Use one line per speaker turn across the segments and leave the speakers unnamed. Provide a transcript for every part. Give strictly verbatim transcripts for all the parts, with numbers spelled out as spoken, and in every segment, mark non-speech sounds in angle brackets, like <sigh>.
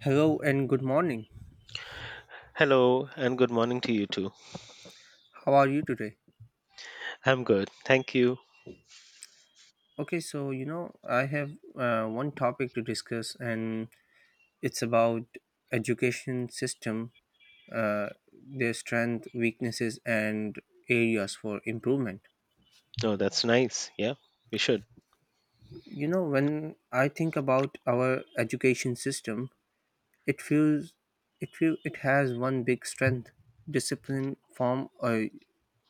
Hello and good morning.
Hello and good morning to you too.
How are you today?
I'm good. Thank you.
Okay, so you know, I have uh, one topic to discuss, and it's about education system, uh, their strength, weaknesses, and areas for improvement.
Oh, that's nice. Yeah, we should.
You know, when I think about our education system, it feels it feel it has one big strength, discipline from a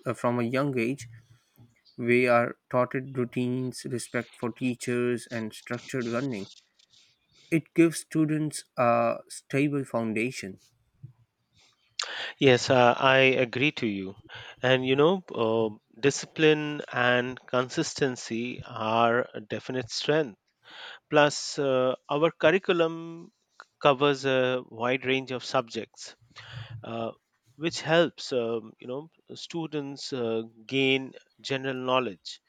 uh, from a young age. We are taught routines, respect for teachers, and structured learning. It gives students a stable foundation.
Yes, uh, I agree to you. And you know, uh, discipline and consistency are a definite strength. Plus, uh, our curriculum c- covers a wide range of subjects, uh, which helps, um, you know, students uh, gain general knowledge.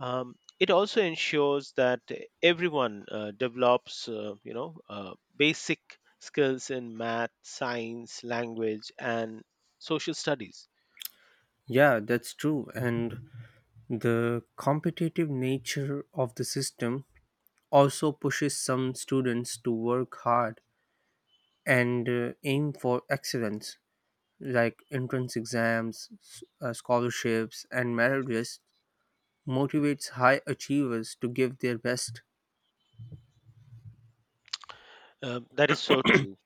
Um, it also ensures that everyone uh, develops, uh, you know, uh, basic skills in math, science, language, and social studies.
Yeah, that's true. And the competitive nature of the system also pushes some students to work hard and uh, aim for excellence, like entrance exams, s- uh, scholarships, and merit lists motivates high achievers to give their best.
Um, that is so true.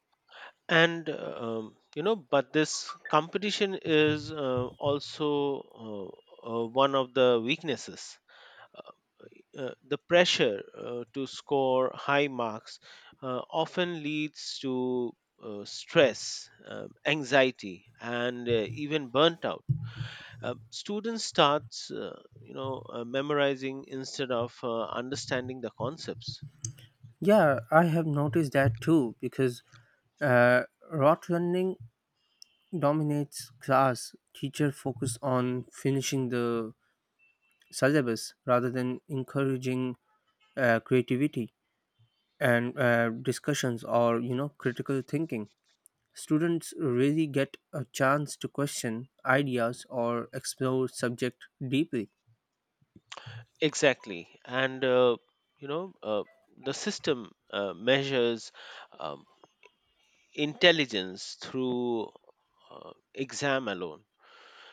And uh, um, you know, but this competition is uh, also uh, uh, one of the weaknesses. Uh, the pressure uh, to score high marks uh, often leads to uh, stress, uh, anxiety, and uh, even burnt out. Uh, students start, uh, you know, uh, memorizing instead of uh, understanding the concepts.
Yeah, I have noticed that too because uh, rote learning dominates class, teacher focus on finishing the syllabus rather than encouraging uh, creativity and uh, discussions or you know critical thinking. Students really get a chance to question ideas or explore subject deeply.
Exactly, and uh, you know, uh, the system uh, measures um, intelligence through uh, exam alone.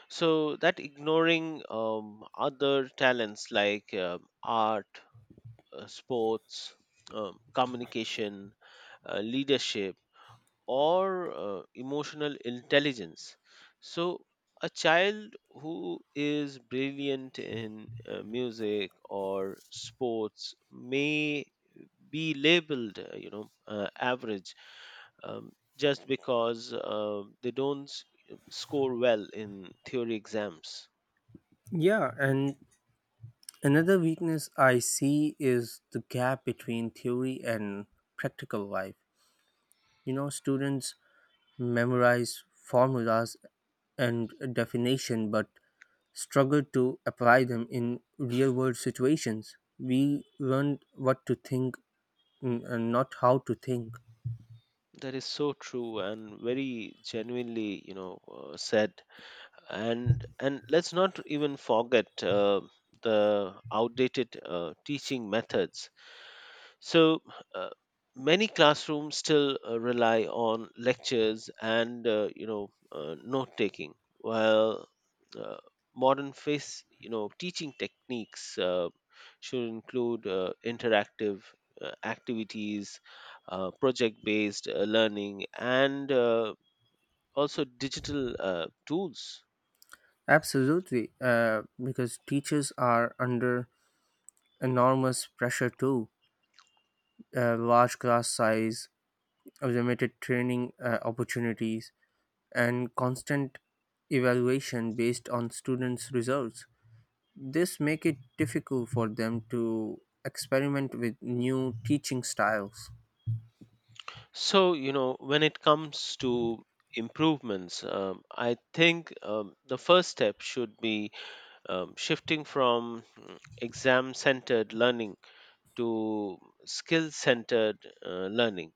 So that ignoring um, other talents like um art, uh, sports, um, communication, uh, leadership, or uh, emotional intelligence. So a child who is brilliant in uh, music or sports may be labeled, uh, you know, uh, average um, just because uh, they don't s- score well in theory exams.
Yeah, and another weakness I see is the gap between theory and practical life. You know, students memorize formulas and definition but struggle to apply them in real world situations. We learn what to think mm, and not how to think.
That is so true and very genuinely, you know, uh, said. And and let's not even forget uh, the outdated uh, teaching methods. so, uh, Many classrooms still uh, rely on lectures and uh, you know uh, note taking, while uh, modern face you know teaching techniques uh, should include uh, interactive uh, activities, uh, project based uh, learning, and uh, also digital uh, tools.
Absolutely, uh, because teachers are under enormous pressure too. Uh, large class size, limited training uh, opportunities, and constant evaluation based on students' results. This make it difficult for them to experiment with new teaching styles.
So, you know, when it comes to improvements, um, I think um, the first step should be um, shifting from exam centered learning to skill centered uh, learning.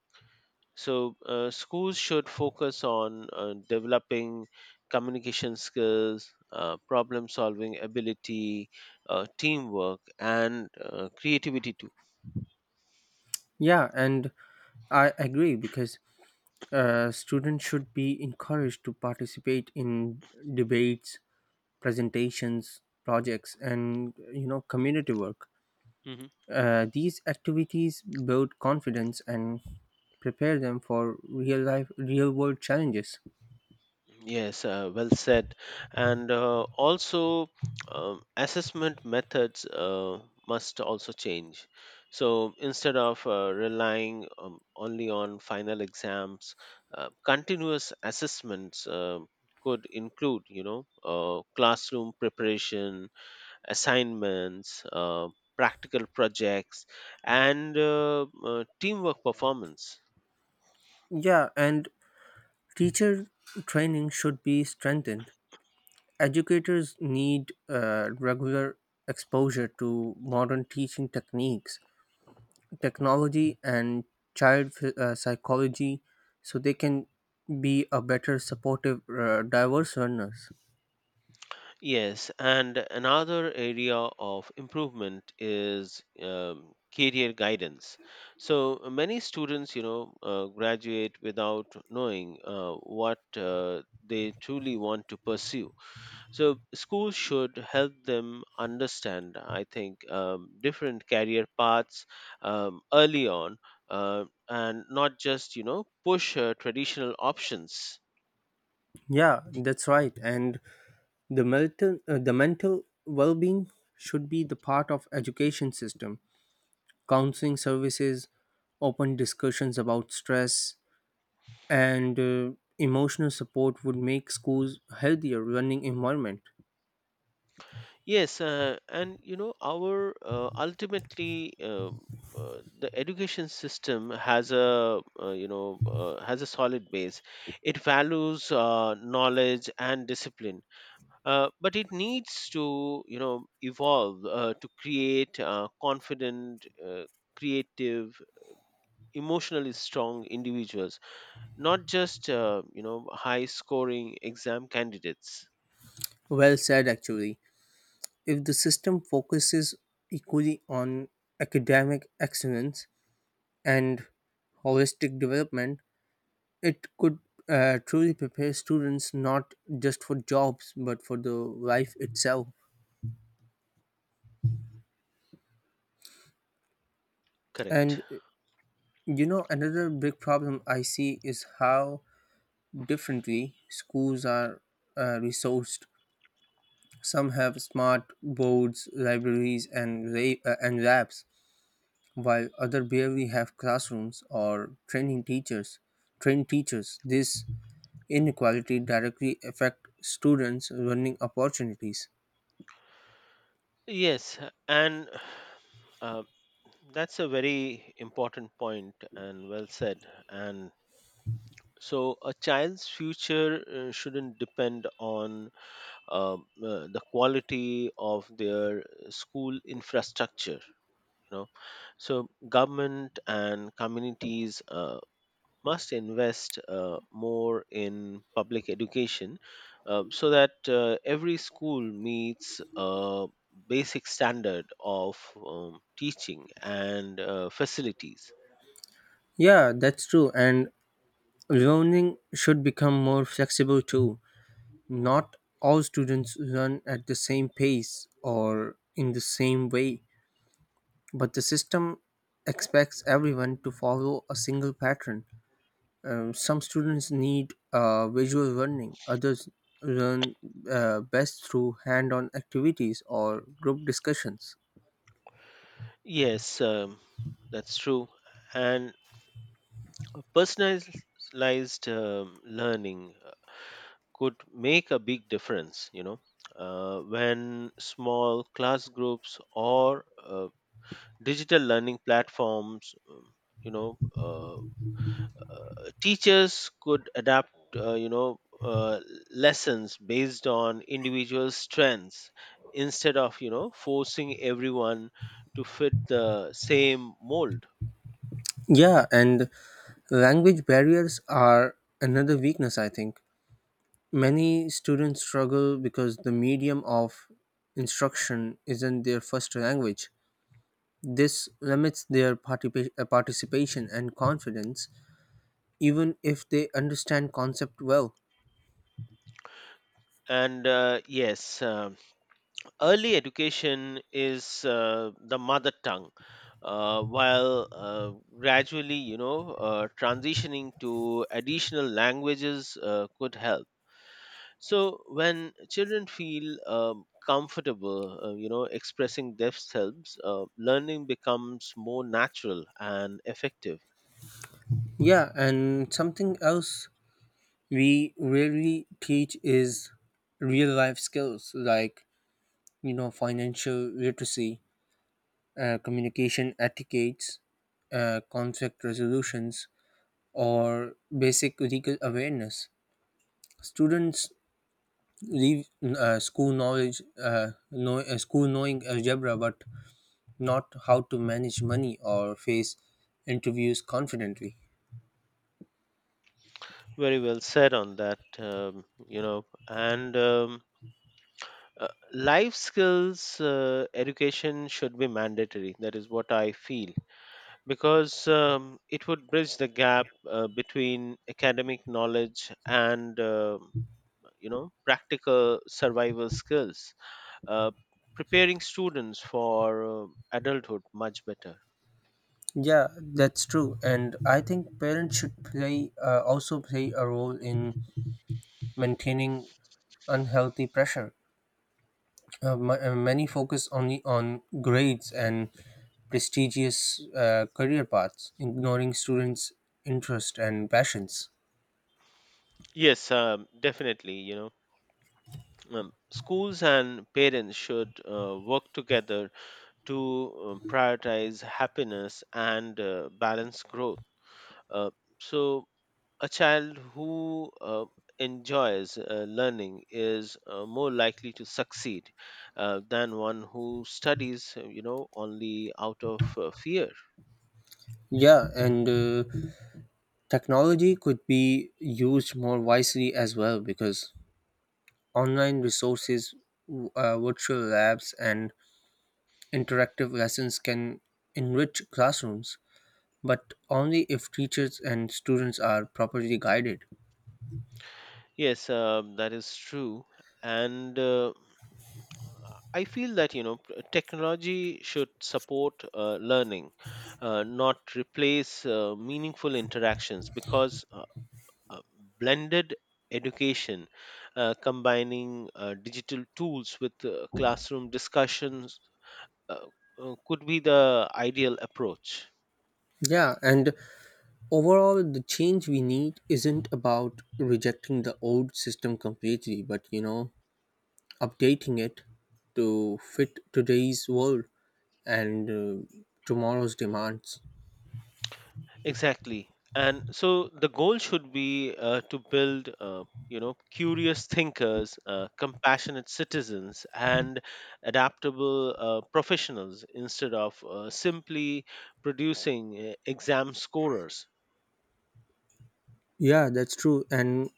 So, uh, schools should focus on uh, developing communication skills, uh, problem solving ability, uh, teamwork, and uh, creativity too.
Yeah, and I agree because uh, students should be encouraged to participate in debates, presentations, projects, and you know community work.
Mhm.
Uh, these activities build confidence and prepare them for real life, real world challenges.
Yes, uh, well said. And uh, also, um, assessment methods uh, must also change. So instead of uh, relying um, only on final exams, uh, continuous assessments uh, could include, you know, uh, classroom preparation, assignments, uh, practical projects, and uh, uh, teamwork performance.
Yeah, and teacher training should be strengthened. Educators need uh, regular exposure to modern teaching techniques, technology, and child ph- uh, psychology so they can be a better supportive, uh, diverse learners.
Yes, and another area of improvement is um, career guidance. So uh, many students, you know, uh, graduate without knowing uh, what uh, they truly want to pursue. So schools should help them understand, I think, um, different career paths um, early on, uh, and not just, you know, push uh, traditional options.
Yeah, that's right. And the mental, uh, the mental well-being should be the part of education system. Counseling services, open discussions about stress, and uh, emotional support would make schools healthier learning environment.
Yes, uh, and you know, our uh, ultimately um uh, the education system has a uh, you know uh, has a solid base. It values uh, knowledge and discipline, uh, but it needs to you know evolve uh, to create uh, confident, uh, creative, emotionally strong individuals, not just uh, you know high scoring exam candidates.
Well said, actually. If the system focuses equally on academic excellence and holistic development, it could uh, truly prepare students not just for jobs but for the life itself.
Correct.
And uh, you know, another big problem I see is how differently schools are uh, resourced. Some have smart boards, libraries, and, la- uh, and labs, while other barely have classrooms or training teachers. Trained teachers. This inequality directly affect students' learning opportunities.
Yes, and uh, that's a very important point and well said. And so, a child's future uh, shouldn't depend on um, uh, the quality of their school infrastructure. You know, so government and communities uh, must invest uh, more in public education uh, so that uh, every school meets a basic standard of um, teaching and uh, facilities.
Yeah, that's true. And learning should become more flexible too. Not all students learn at the same pace or in the same way, but the system expects everyone to follow a single pattern. Um, some students need uh, visual learning, others learn uh, best through hand on activities or group discussions.
Yes, um, that's true. And personalized um, learning could make a big difference, you know, uh, when small class groups or uh, digital learning platforms, um, you know, uh, teachers could adapt uh, you know uh, lessons based on individual strengths instead of you know forcing everyone to fit the same mold.
Yeah, and language barriers are another weakness, I think. Many students struggle because the medium of instruction isn't their first language. This limits their partipa- uh, participation and confidence, even if they understand concept well.
And uh, yes um Early education is uh, the mother tongue uh, while uh, gradually you know uh, transitioning to additional languages uh, could help. So when children feel um, comfortable uh, you know expressing themselves, uh, learning becomes more natural and effective.
Yeah, and something else we rarely teach is real life skills like you know financial literacy, uh, communication etiquettes, uh, conflict resolutions, or basic legal awareness. Students leave uh, school knowledge uh, know, uh, school knowing algebra but not how to manage money or face interviews confidently.
Very well said on that. Um, you know and um, uh, Life skills uh, education should be mandatory, that is what I feel, because um, it would bridge the gap uh, between academic knowledge and um you know practical survival skills, uh, preparing students for uh, adulthood much better.
Yeah, that's true, and I think parents should play uh, also play a role in maintaining unhealthy pressure. Uh, ma- uh, many focus only on grades and prestigious uh, career paths, ignoring students' interests and passions.
Yes, um, definitely. You know, um, schools and parents should uh, work together to um, prioritize happiness and uh, balance growth. Uh, so, a child who uh, enjoys uh, learning is uh, more likely to succeed uh, than one who studies, uh, you know, only out of uh, fear.
Yeah, and uh, technology could be used more wisely as well because online resources, w- uh, virtual labs, and interactive lessons can enrich classrooms, but only if teachers and students are properly guided.
Yes, um, that is true. And uh, I feel that, you know, p- technology should support uh, learning, uh, not replace uh, meaningful interactions, because uh, uh, blended education, uh, combining uh, digital tools with uh, classroom discussions, uh, uh, could be the ideal approach.
Yeah, and overall, the change we need isn't about rejecting the old system completely, but you know, updating it to fit today's world and uh, tomorrow's demands.
Exactly. And so the goal should be uh, to build, uh, you know, curious thinkers, uh, compassionate citizens, and adaptable uh, professionals instead of uh, simply producing uh, exam scorers.
Yeah, that's true. And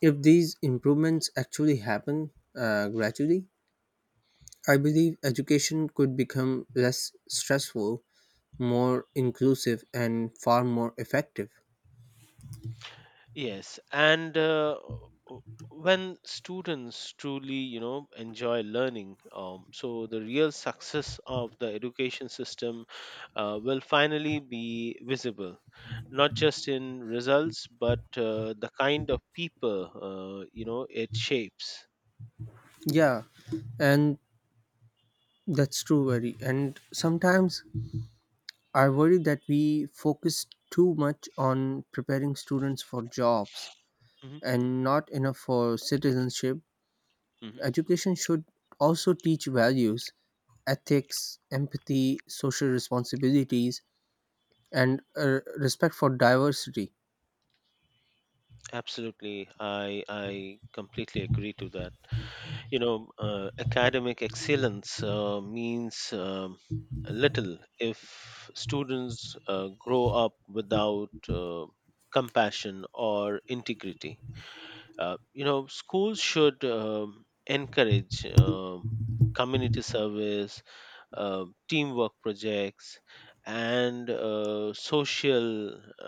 if these improvements actually happen uh, gradually, I believe education could become less stressful, more inclusive, and far more effective.
Yes, and uh, w- when students truly, you know, enjoy learning, um, so the real success of the education system uh, will finally be visible, not just in results, but uh, the kind of people, uh, you know, it shapes.
Yeah, and that's true, very. And sometimes I worry that we focus too much on preparing students for jobs
Hmm.
and not enough for citizenship.
Hmm.
Education should also teach values, ethics, empathy, social responsibilities, and uh, respect for diversity.
Absolutely, I I completely agree to that. You know, uh, academic excellence uh, means um, little if students uh, grow up without uh, compassion or integrity. Uh, you know, schools should um encourage um community service, uh, teamwork projects, and uh, social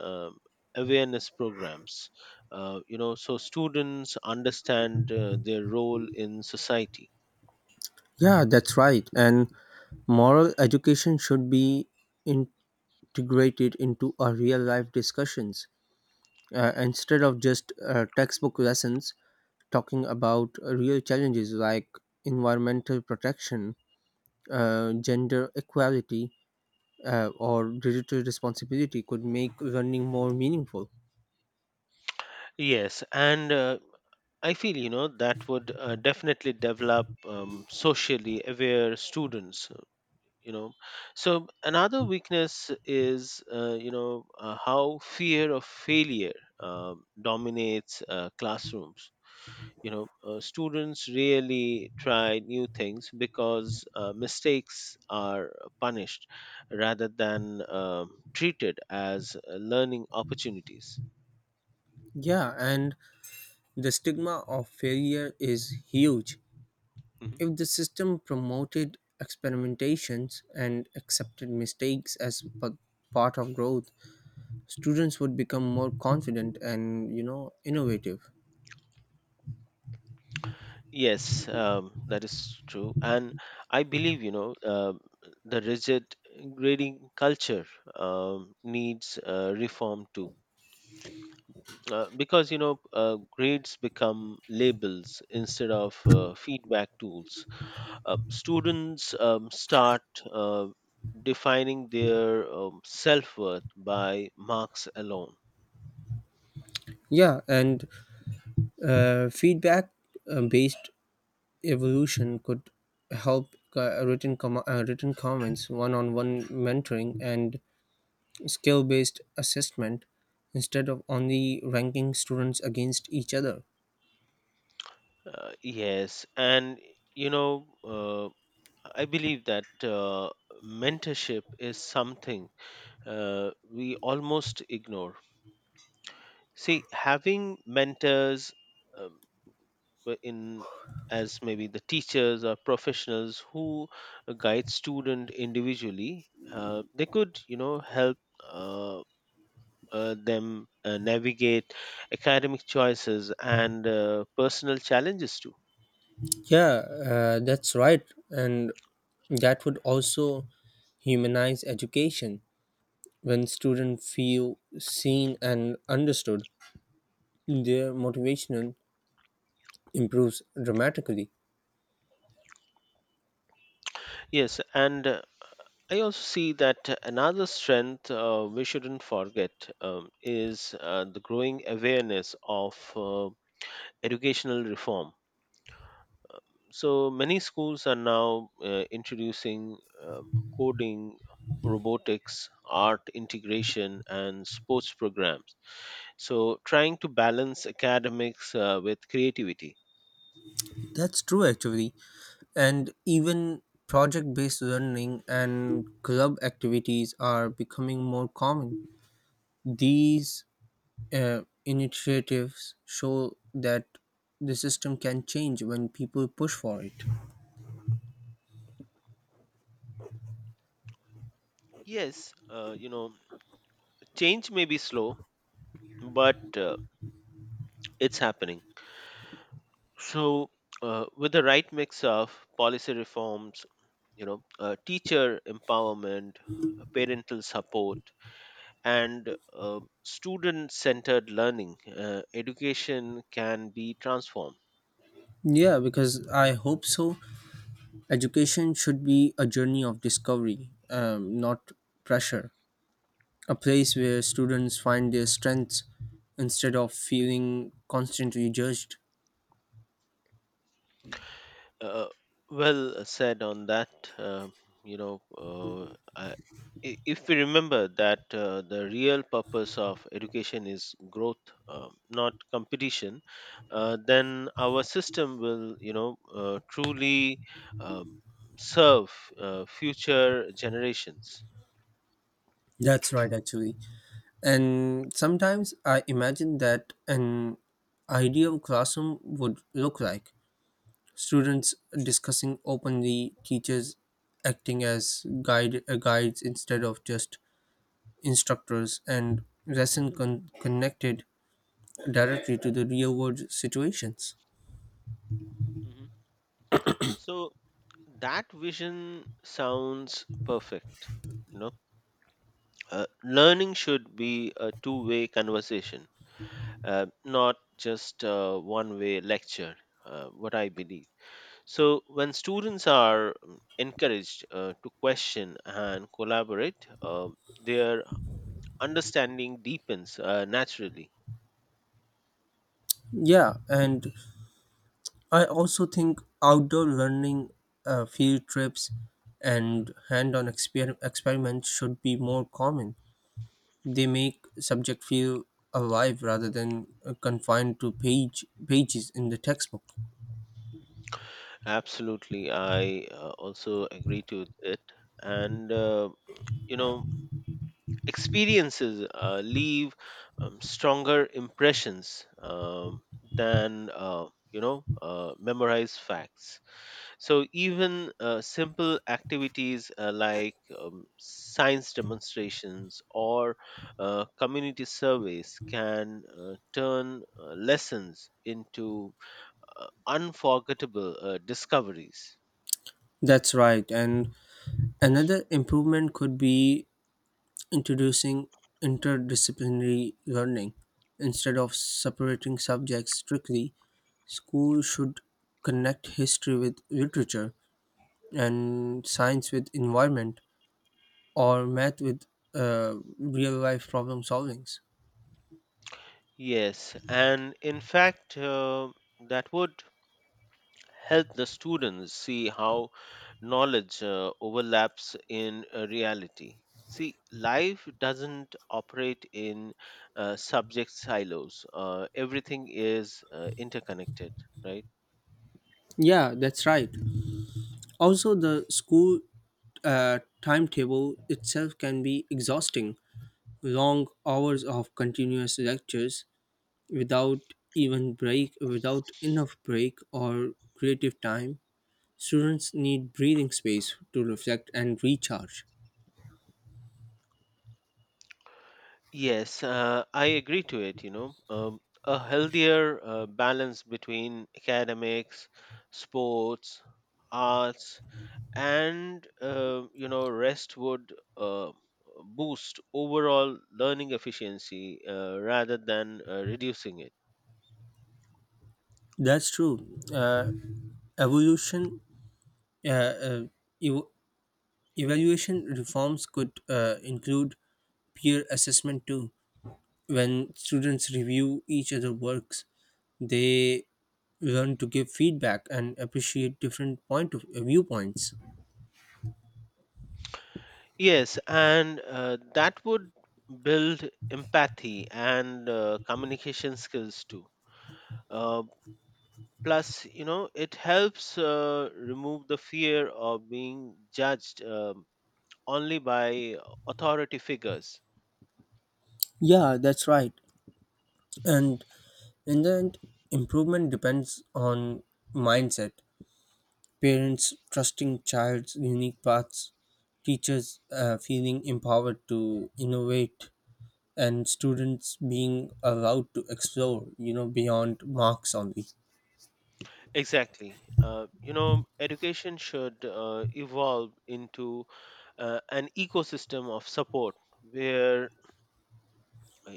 um awareness programs, Uh, you know, so students understand uh, their role in society.
Yeah, that's right. And moral education should be integrated into our real life discussions uh, instead of just uh, textbook lessons. Talking about real challenges like environmental protection, uh, gender equality, uh, or digital responsibility could make running more meaningful.
Yes, and uh, I feel you know that would uh, definitely develop um, socially aware students. uh, You know, so another weakness is uh, you know uh, how fear of failure um, dominates uh, classrooms. You know, uh, students really try new things because uh, mistakes are punished rather than um treated as uh, learning opportunities.
Yeah, and the stigma of failure is huge.
Mhm.
If the system promoted experimentations and accepted mistakes as p- part of growth, students would become more confident and you know innovative.
Yes, um, that is true. And I believe, you know, uh, the rigid grading culture um, needs uh, reform too. Uh, because, you know, uh, grades become labels instead of uh, feedback tools. Uh, students um, start uh, defining their um, self worth by marks alone.
Yeah, and uh, feedback uh, based evolution could help, uh, written, com- uh, written comments, one on one mentoring, and skill based assessment instead of only ranking students against each other.
Uh, yes, and, you know, uh, I believe that uh, mentorship is something uh, we almost ignore. See, having mentors um, w- in as maybe the teachers or professionals who guide student individually, uh, they could you know help uh, uh, them uh, navigate academic choices and uh, personal challenges too.
Yeah, uh, that's right. And that would also humanize education. When students feel seen and understood, their motivation improves dramatically.
Yes, and uh, I also see that another strength uh, we shouldn't forget um, is uh, the growing awareness of uh, educational reform. So many schools are now uh, introducing uh, coding, robotics, art integration, and sports programs. So trying to balance academics uh, with creativity.
That's true actually. And even project based learning and club activities are becoming more common. These uh, initiatives show that the system can change when people push for it.
Yes, uh, you know, change may be slow, but uh, it's happening. So, uh, with the right mix of policy reforms, you know, uh, teacher empowerment, uh, parental support, and uh, student-centered learning, uh, education can be transformed.
Yeah, because I hope so. Education should be a journey of discovery, um, not pressure. A place where students find their strengths instead of feeling constantly judged.
Uh, well said on that. Uh, you know, uh, I, i- if we remember that uh, the real purpose of education is growth, um, not competition, uh, then our system will, you know, uh, truly um, serve uh, future generations.
That's right, actually. And sometimes I imagine that an ideal classroom would look like students discussing openly, teachers acting as guide, uh, guides instead of just instructors, and lesson con- connected directly to the real world situations.
Hmm. So that vision sounds perfect. You know, uh, Learning should be a two-way conversation uh, not just a one way lecture, uh, what I believe. So, when students are mm, encouraged uh, to question and collaborate, uh, their understanding deepens uh, naturally.
Yeah, and I also think outdoor learning, uh, field trips, and hand on exper- experiments should be more common. They make subject feel alive rather than uh, confined to page pages in the textbook.
Absolutely, I uh, also agree to it. And, uh, you know, experiences uh, leave um, stronger impressions um, than, uh, you know, uh, memorized facts. So even uh, simple activities uh, like um, science demonstrations or uh, community surveys can uh, turn uh, lessons into uh, unforgettable uh, discoveries.
That's right. And another improvement could be introducing interdisciplinary learning. Instead of separating subjects strictly, school should connect history with literature and science with environment or math with uh, real life problem solvings.
Yes, and in fact, uh, that would help the students see how knowledge uh, overlaps in uh, reality. See, life doesn't operate in uh, subject silos. Uh, everything is uh, interconnected, right?
Yeah, that's right. Also, the school uh, timetable itself can be exhausting. Long hours of continuous lectures without even break, without enough break or creative time. Students need breathing space to reflect and recharge.
Yes, uh, I agree to it. You know, um, a healthier uh, balance between academics, sports, arts, and uh, you know rest would uh, boost overall learning efficiency uh, rather than uh, reducing it.
That's true. Uh, evolution, uh, uh, ev- Evaluation reforms could uh, include peer assessment too. When students review each other's works, they learn to give feedback and appreciate different point of uh, viewpoints.
Yes, and uh, that would build empathy and uh, communication skills too, uh, plus you know it helps uh, remove the fear of being judged um, only by authority figures.
Yeah, that's right. And in the end, improvement depends on mindset, parents trusting child's unique paths, teachers uh, feeling empowered to innovate, and students being allowed to explore you know beyond marks only.
Exactly. Uh, you know, education should uh, evolve into uh, an ecosystem of support where uh,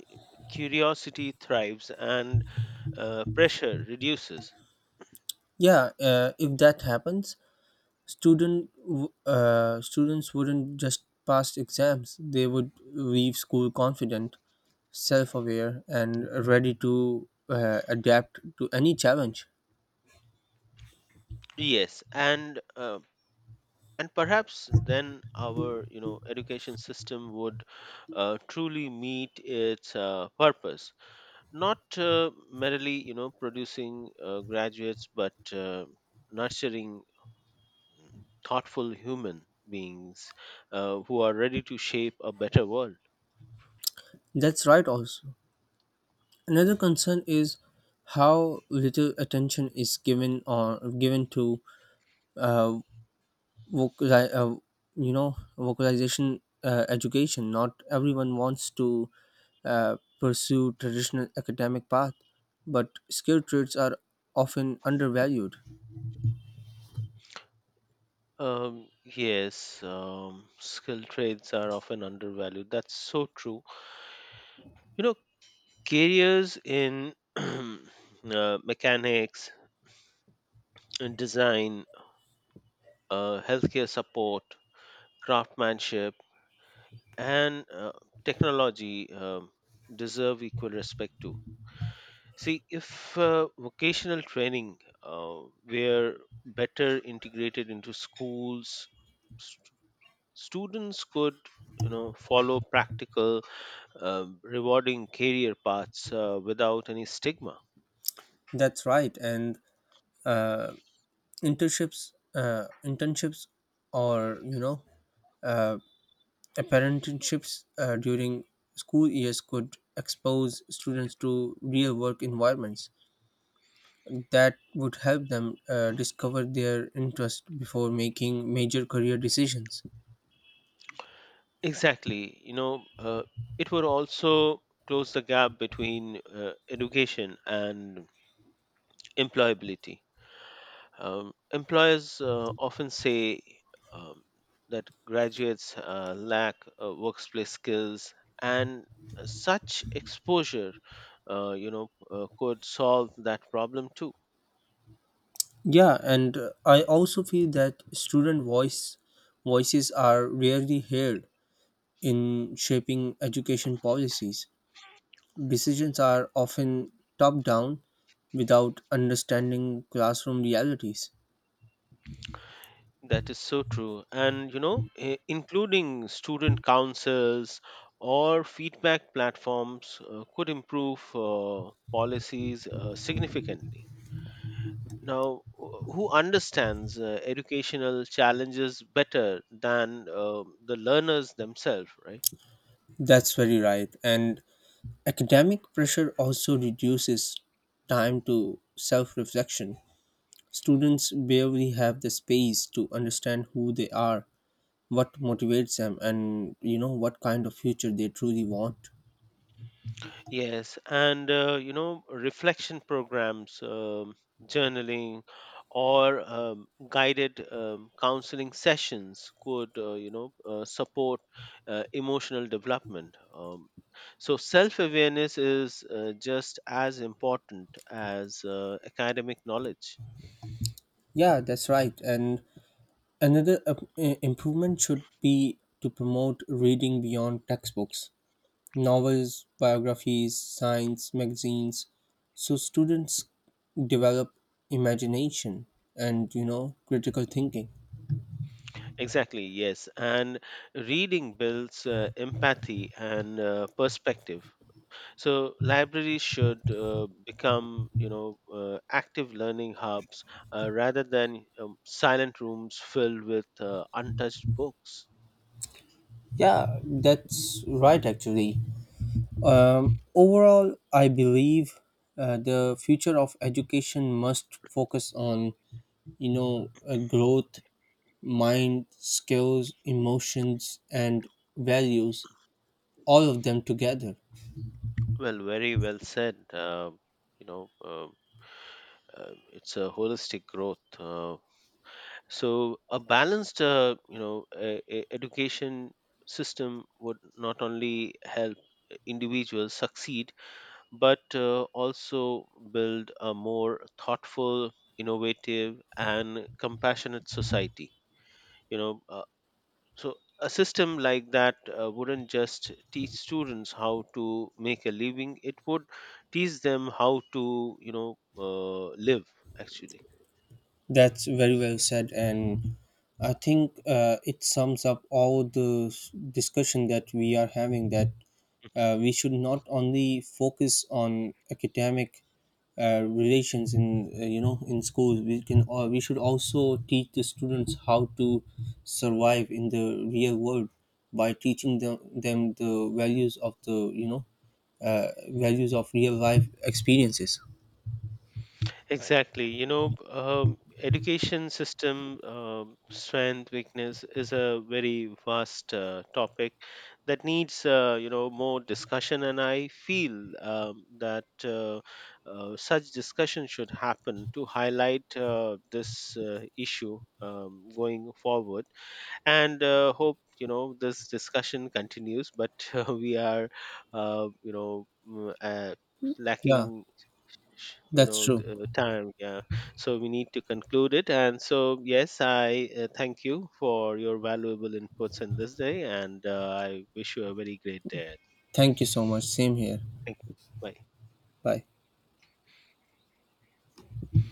curiosity thrives and uh, pressure reduces.
Yeah, uh, if that happens, Student, w- uh, students wouldn't just pass exams; they would leave school confident, self-aware, and ready to uh, adapt to any challenge.
Yes, and uh, and perhaps then our you know education system would uh, truly meet its uh, purpose, not uh, merely you know producing uh, graduates, but uh, nurturing thoughtful human beings uh, who are ready to shape a better world.
That's right. Also, another concern is how little attention is given or given to uh, vocal, uh, uh, you know, vocalization uh, education. Not everyone wants to uh, pursue traditional academic path, but skill trades are often undervalued.
Um, yes, um, skilled trades are often undervalued. That's so true. You know, Careers in <clears throat> uh, mechanics, in design, uh, healthcare support, craftsmanship, and uh, technology um deserve equal respect too. See, if uh, vocational training uh, were better integrated into schools, st- students could, you know, follow practical, um, rewarding career paths uh, without any stigma.
That's right, and internships, uh, internships, or you know, uh, apprenticeships uh, during school years could expose students to real work environments that would help them uh, discover their interest before making major career decisions.
Exactly. You know, uh, it would also close the gap between uh, education and employability. Um, employers uh, often say um, that graduates uh, lack uh, workplace skills, and such exposure, uh, you know, uh, could solve that problem too.
Yeah, and uh, I also feel that student voice voices are rarely heard in shaping education policies. Decisions are often top down without understanding classroom realities.
That is so true, and you know, i- including student councils or feedback platforms uh, could improve uh, policies uh, significantly. Now, wh- who understands uh, educational challenges better than uh, the learners themselves, right?
That's very right. And academic pressure also reduces time to self reflection. Students barely have the space to understand who they are, what motivates them, and you know what kind of future they truly want.
Yes, and uh, you know, reflection programs, um, journaling, or um, guided um, counseling sessions could, uh, you know, uh, support uh, emotional development. Um, so, self awareness is uh, just as important as uh, academic knowledge.
Yeah, that's right. And another up- i- improvement should be to promote reading beyond textbooks, novels, biographies, science magazines, so students develop imagination and you know critical thinking.
Exactly, yes. And reading builds uh, empathy and uh, perspective. So libraries should uh, become, you know, uh, active learning hubs uh, rather than um, silent rooms filled with uh, untouched books.
Yeah, that's right actually. Um, overall, I believe uh, the future of education must focus on you know uh, growth, mind, skills, emotions, and values, all of them together.
Well, very well said. Uh, you know, uh, uh, it's a holistic growth. Uh, so a balanced, uh, you know, uh, e- education system would not only help individuals succeed but uh, also build a more thoughtful, innovative, and compassionate society. You know, uh, so a system like that uh, wouldn't just teach students how to make a living; it would teach them how to, you know, uh, live actually.
That's very well said, and I think uh, it sums up all the s- discussion that we are having. That uh, we should not only focus on academic uh, relations in uh, you know in schools. We can uh, we should also teach the students how to survive in the real world by teaching them them the values of the you know uh, values of real life experiences.
Exactly. You know, um, education system um strength, weakness is a very vast uh, topic that needs, uh, you know, more discussion. And I feel um, that uh, uh, such discussion should happen to highlight uh, this uh, issue um, going forward. And uh, hope you know this discussion continues. But <laughs> uh, we are, uh, you know, mm, uh,
Yeah,
lacking you
that's
know the
true.
uh, time, yeah, so we need to conclude it. And so yes, I uh, thank you for your valuable inputs in this day and uh, I wish you a very great day.
Thank you so much. Same here.
Thank you. Bye.
Bye.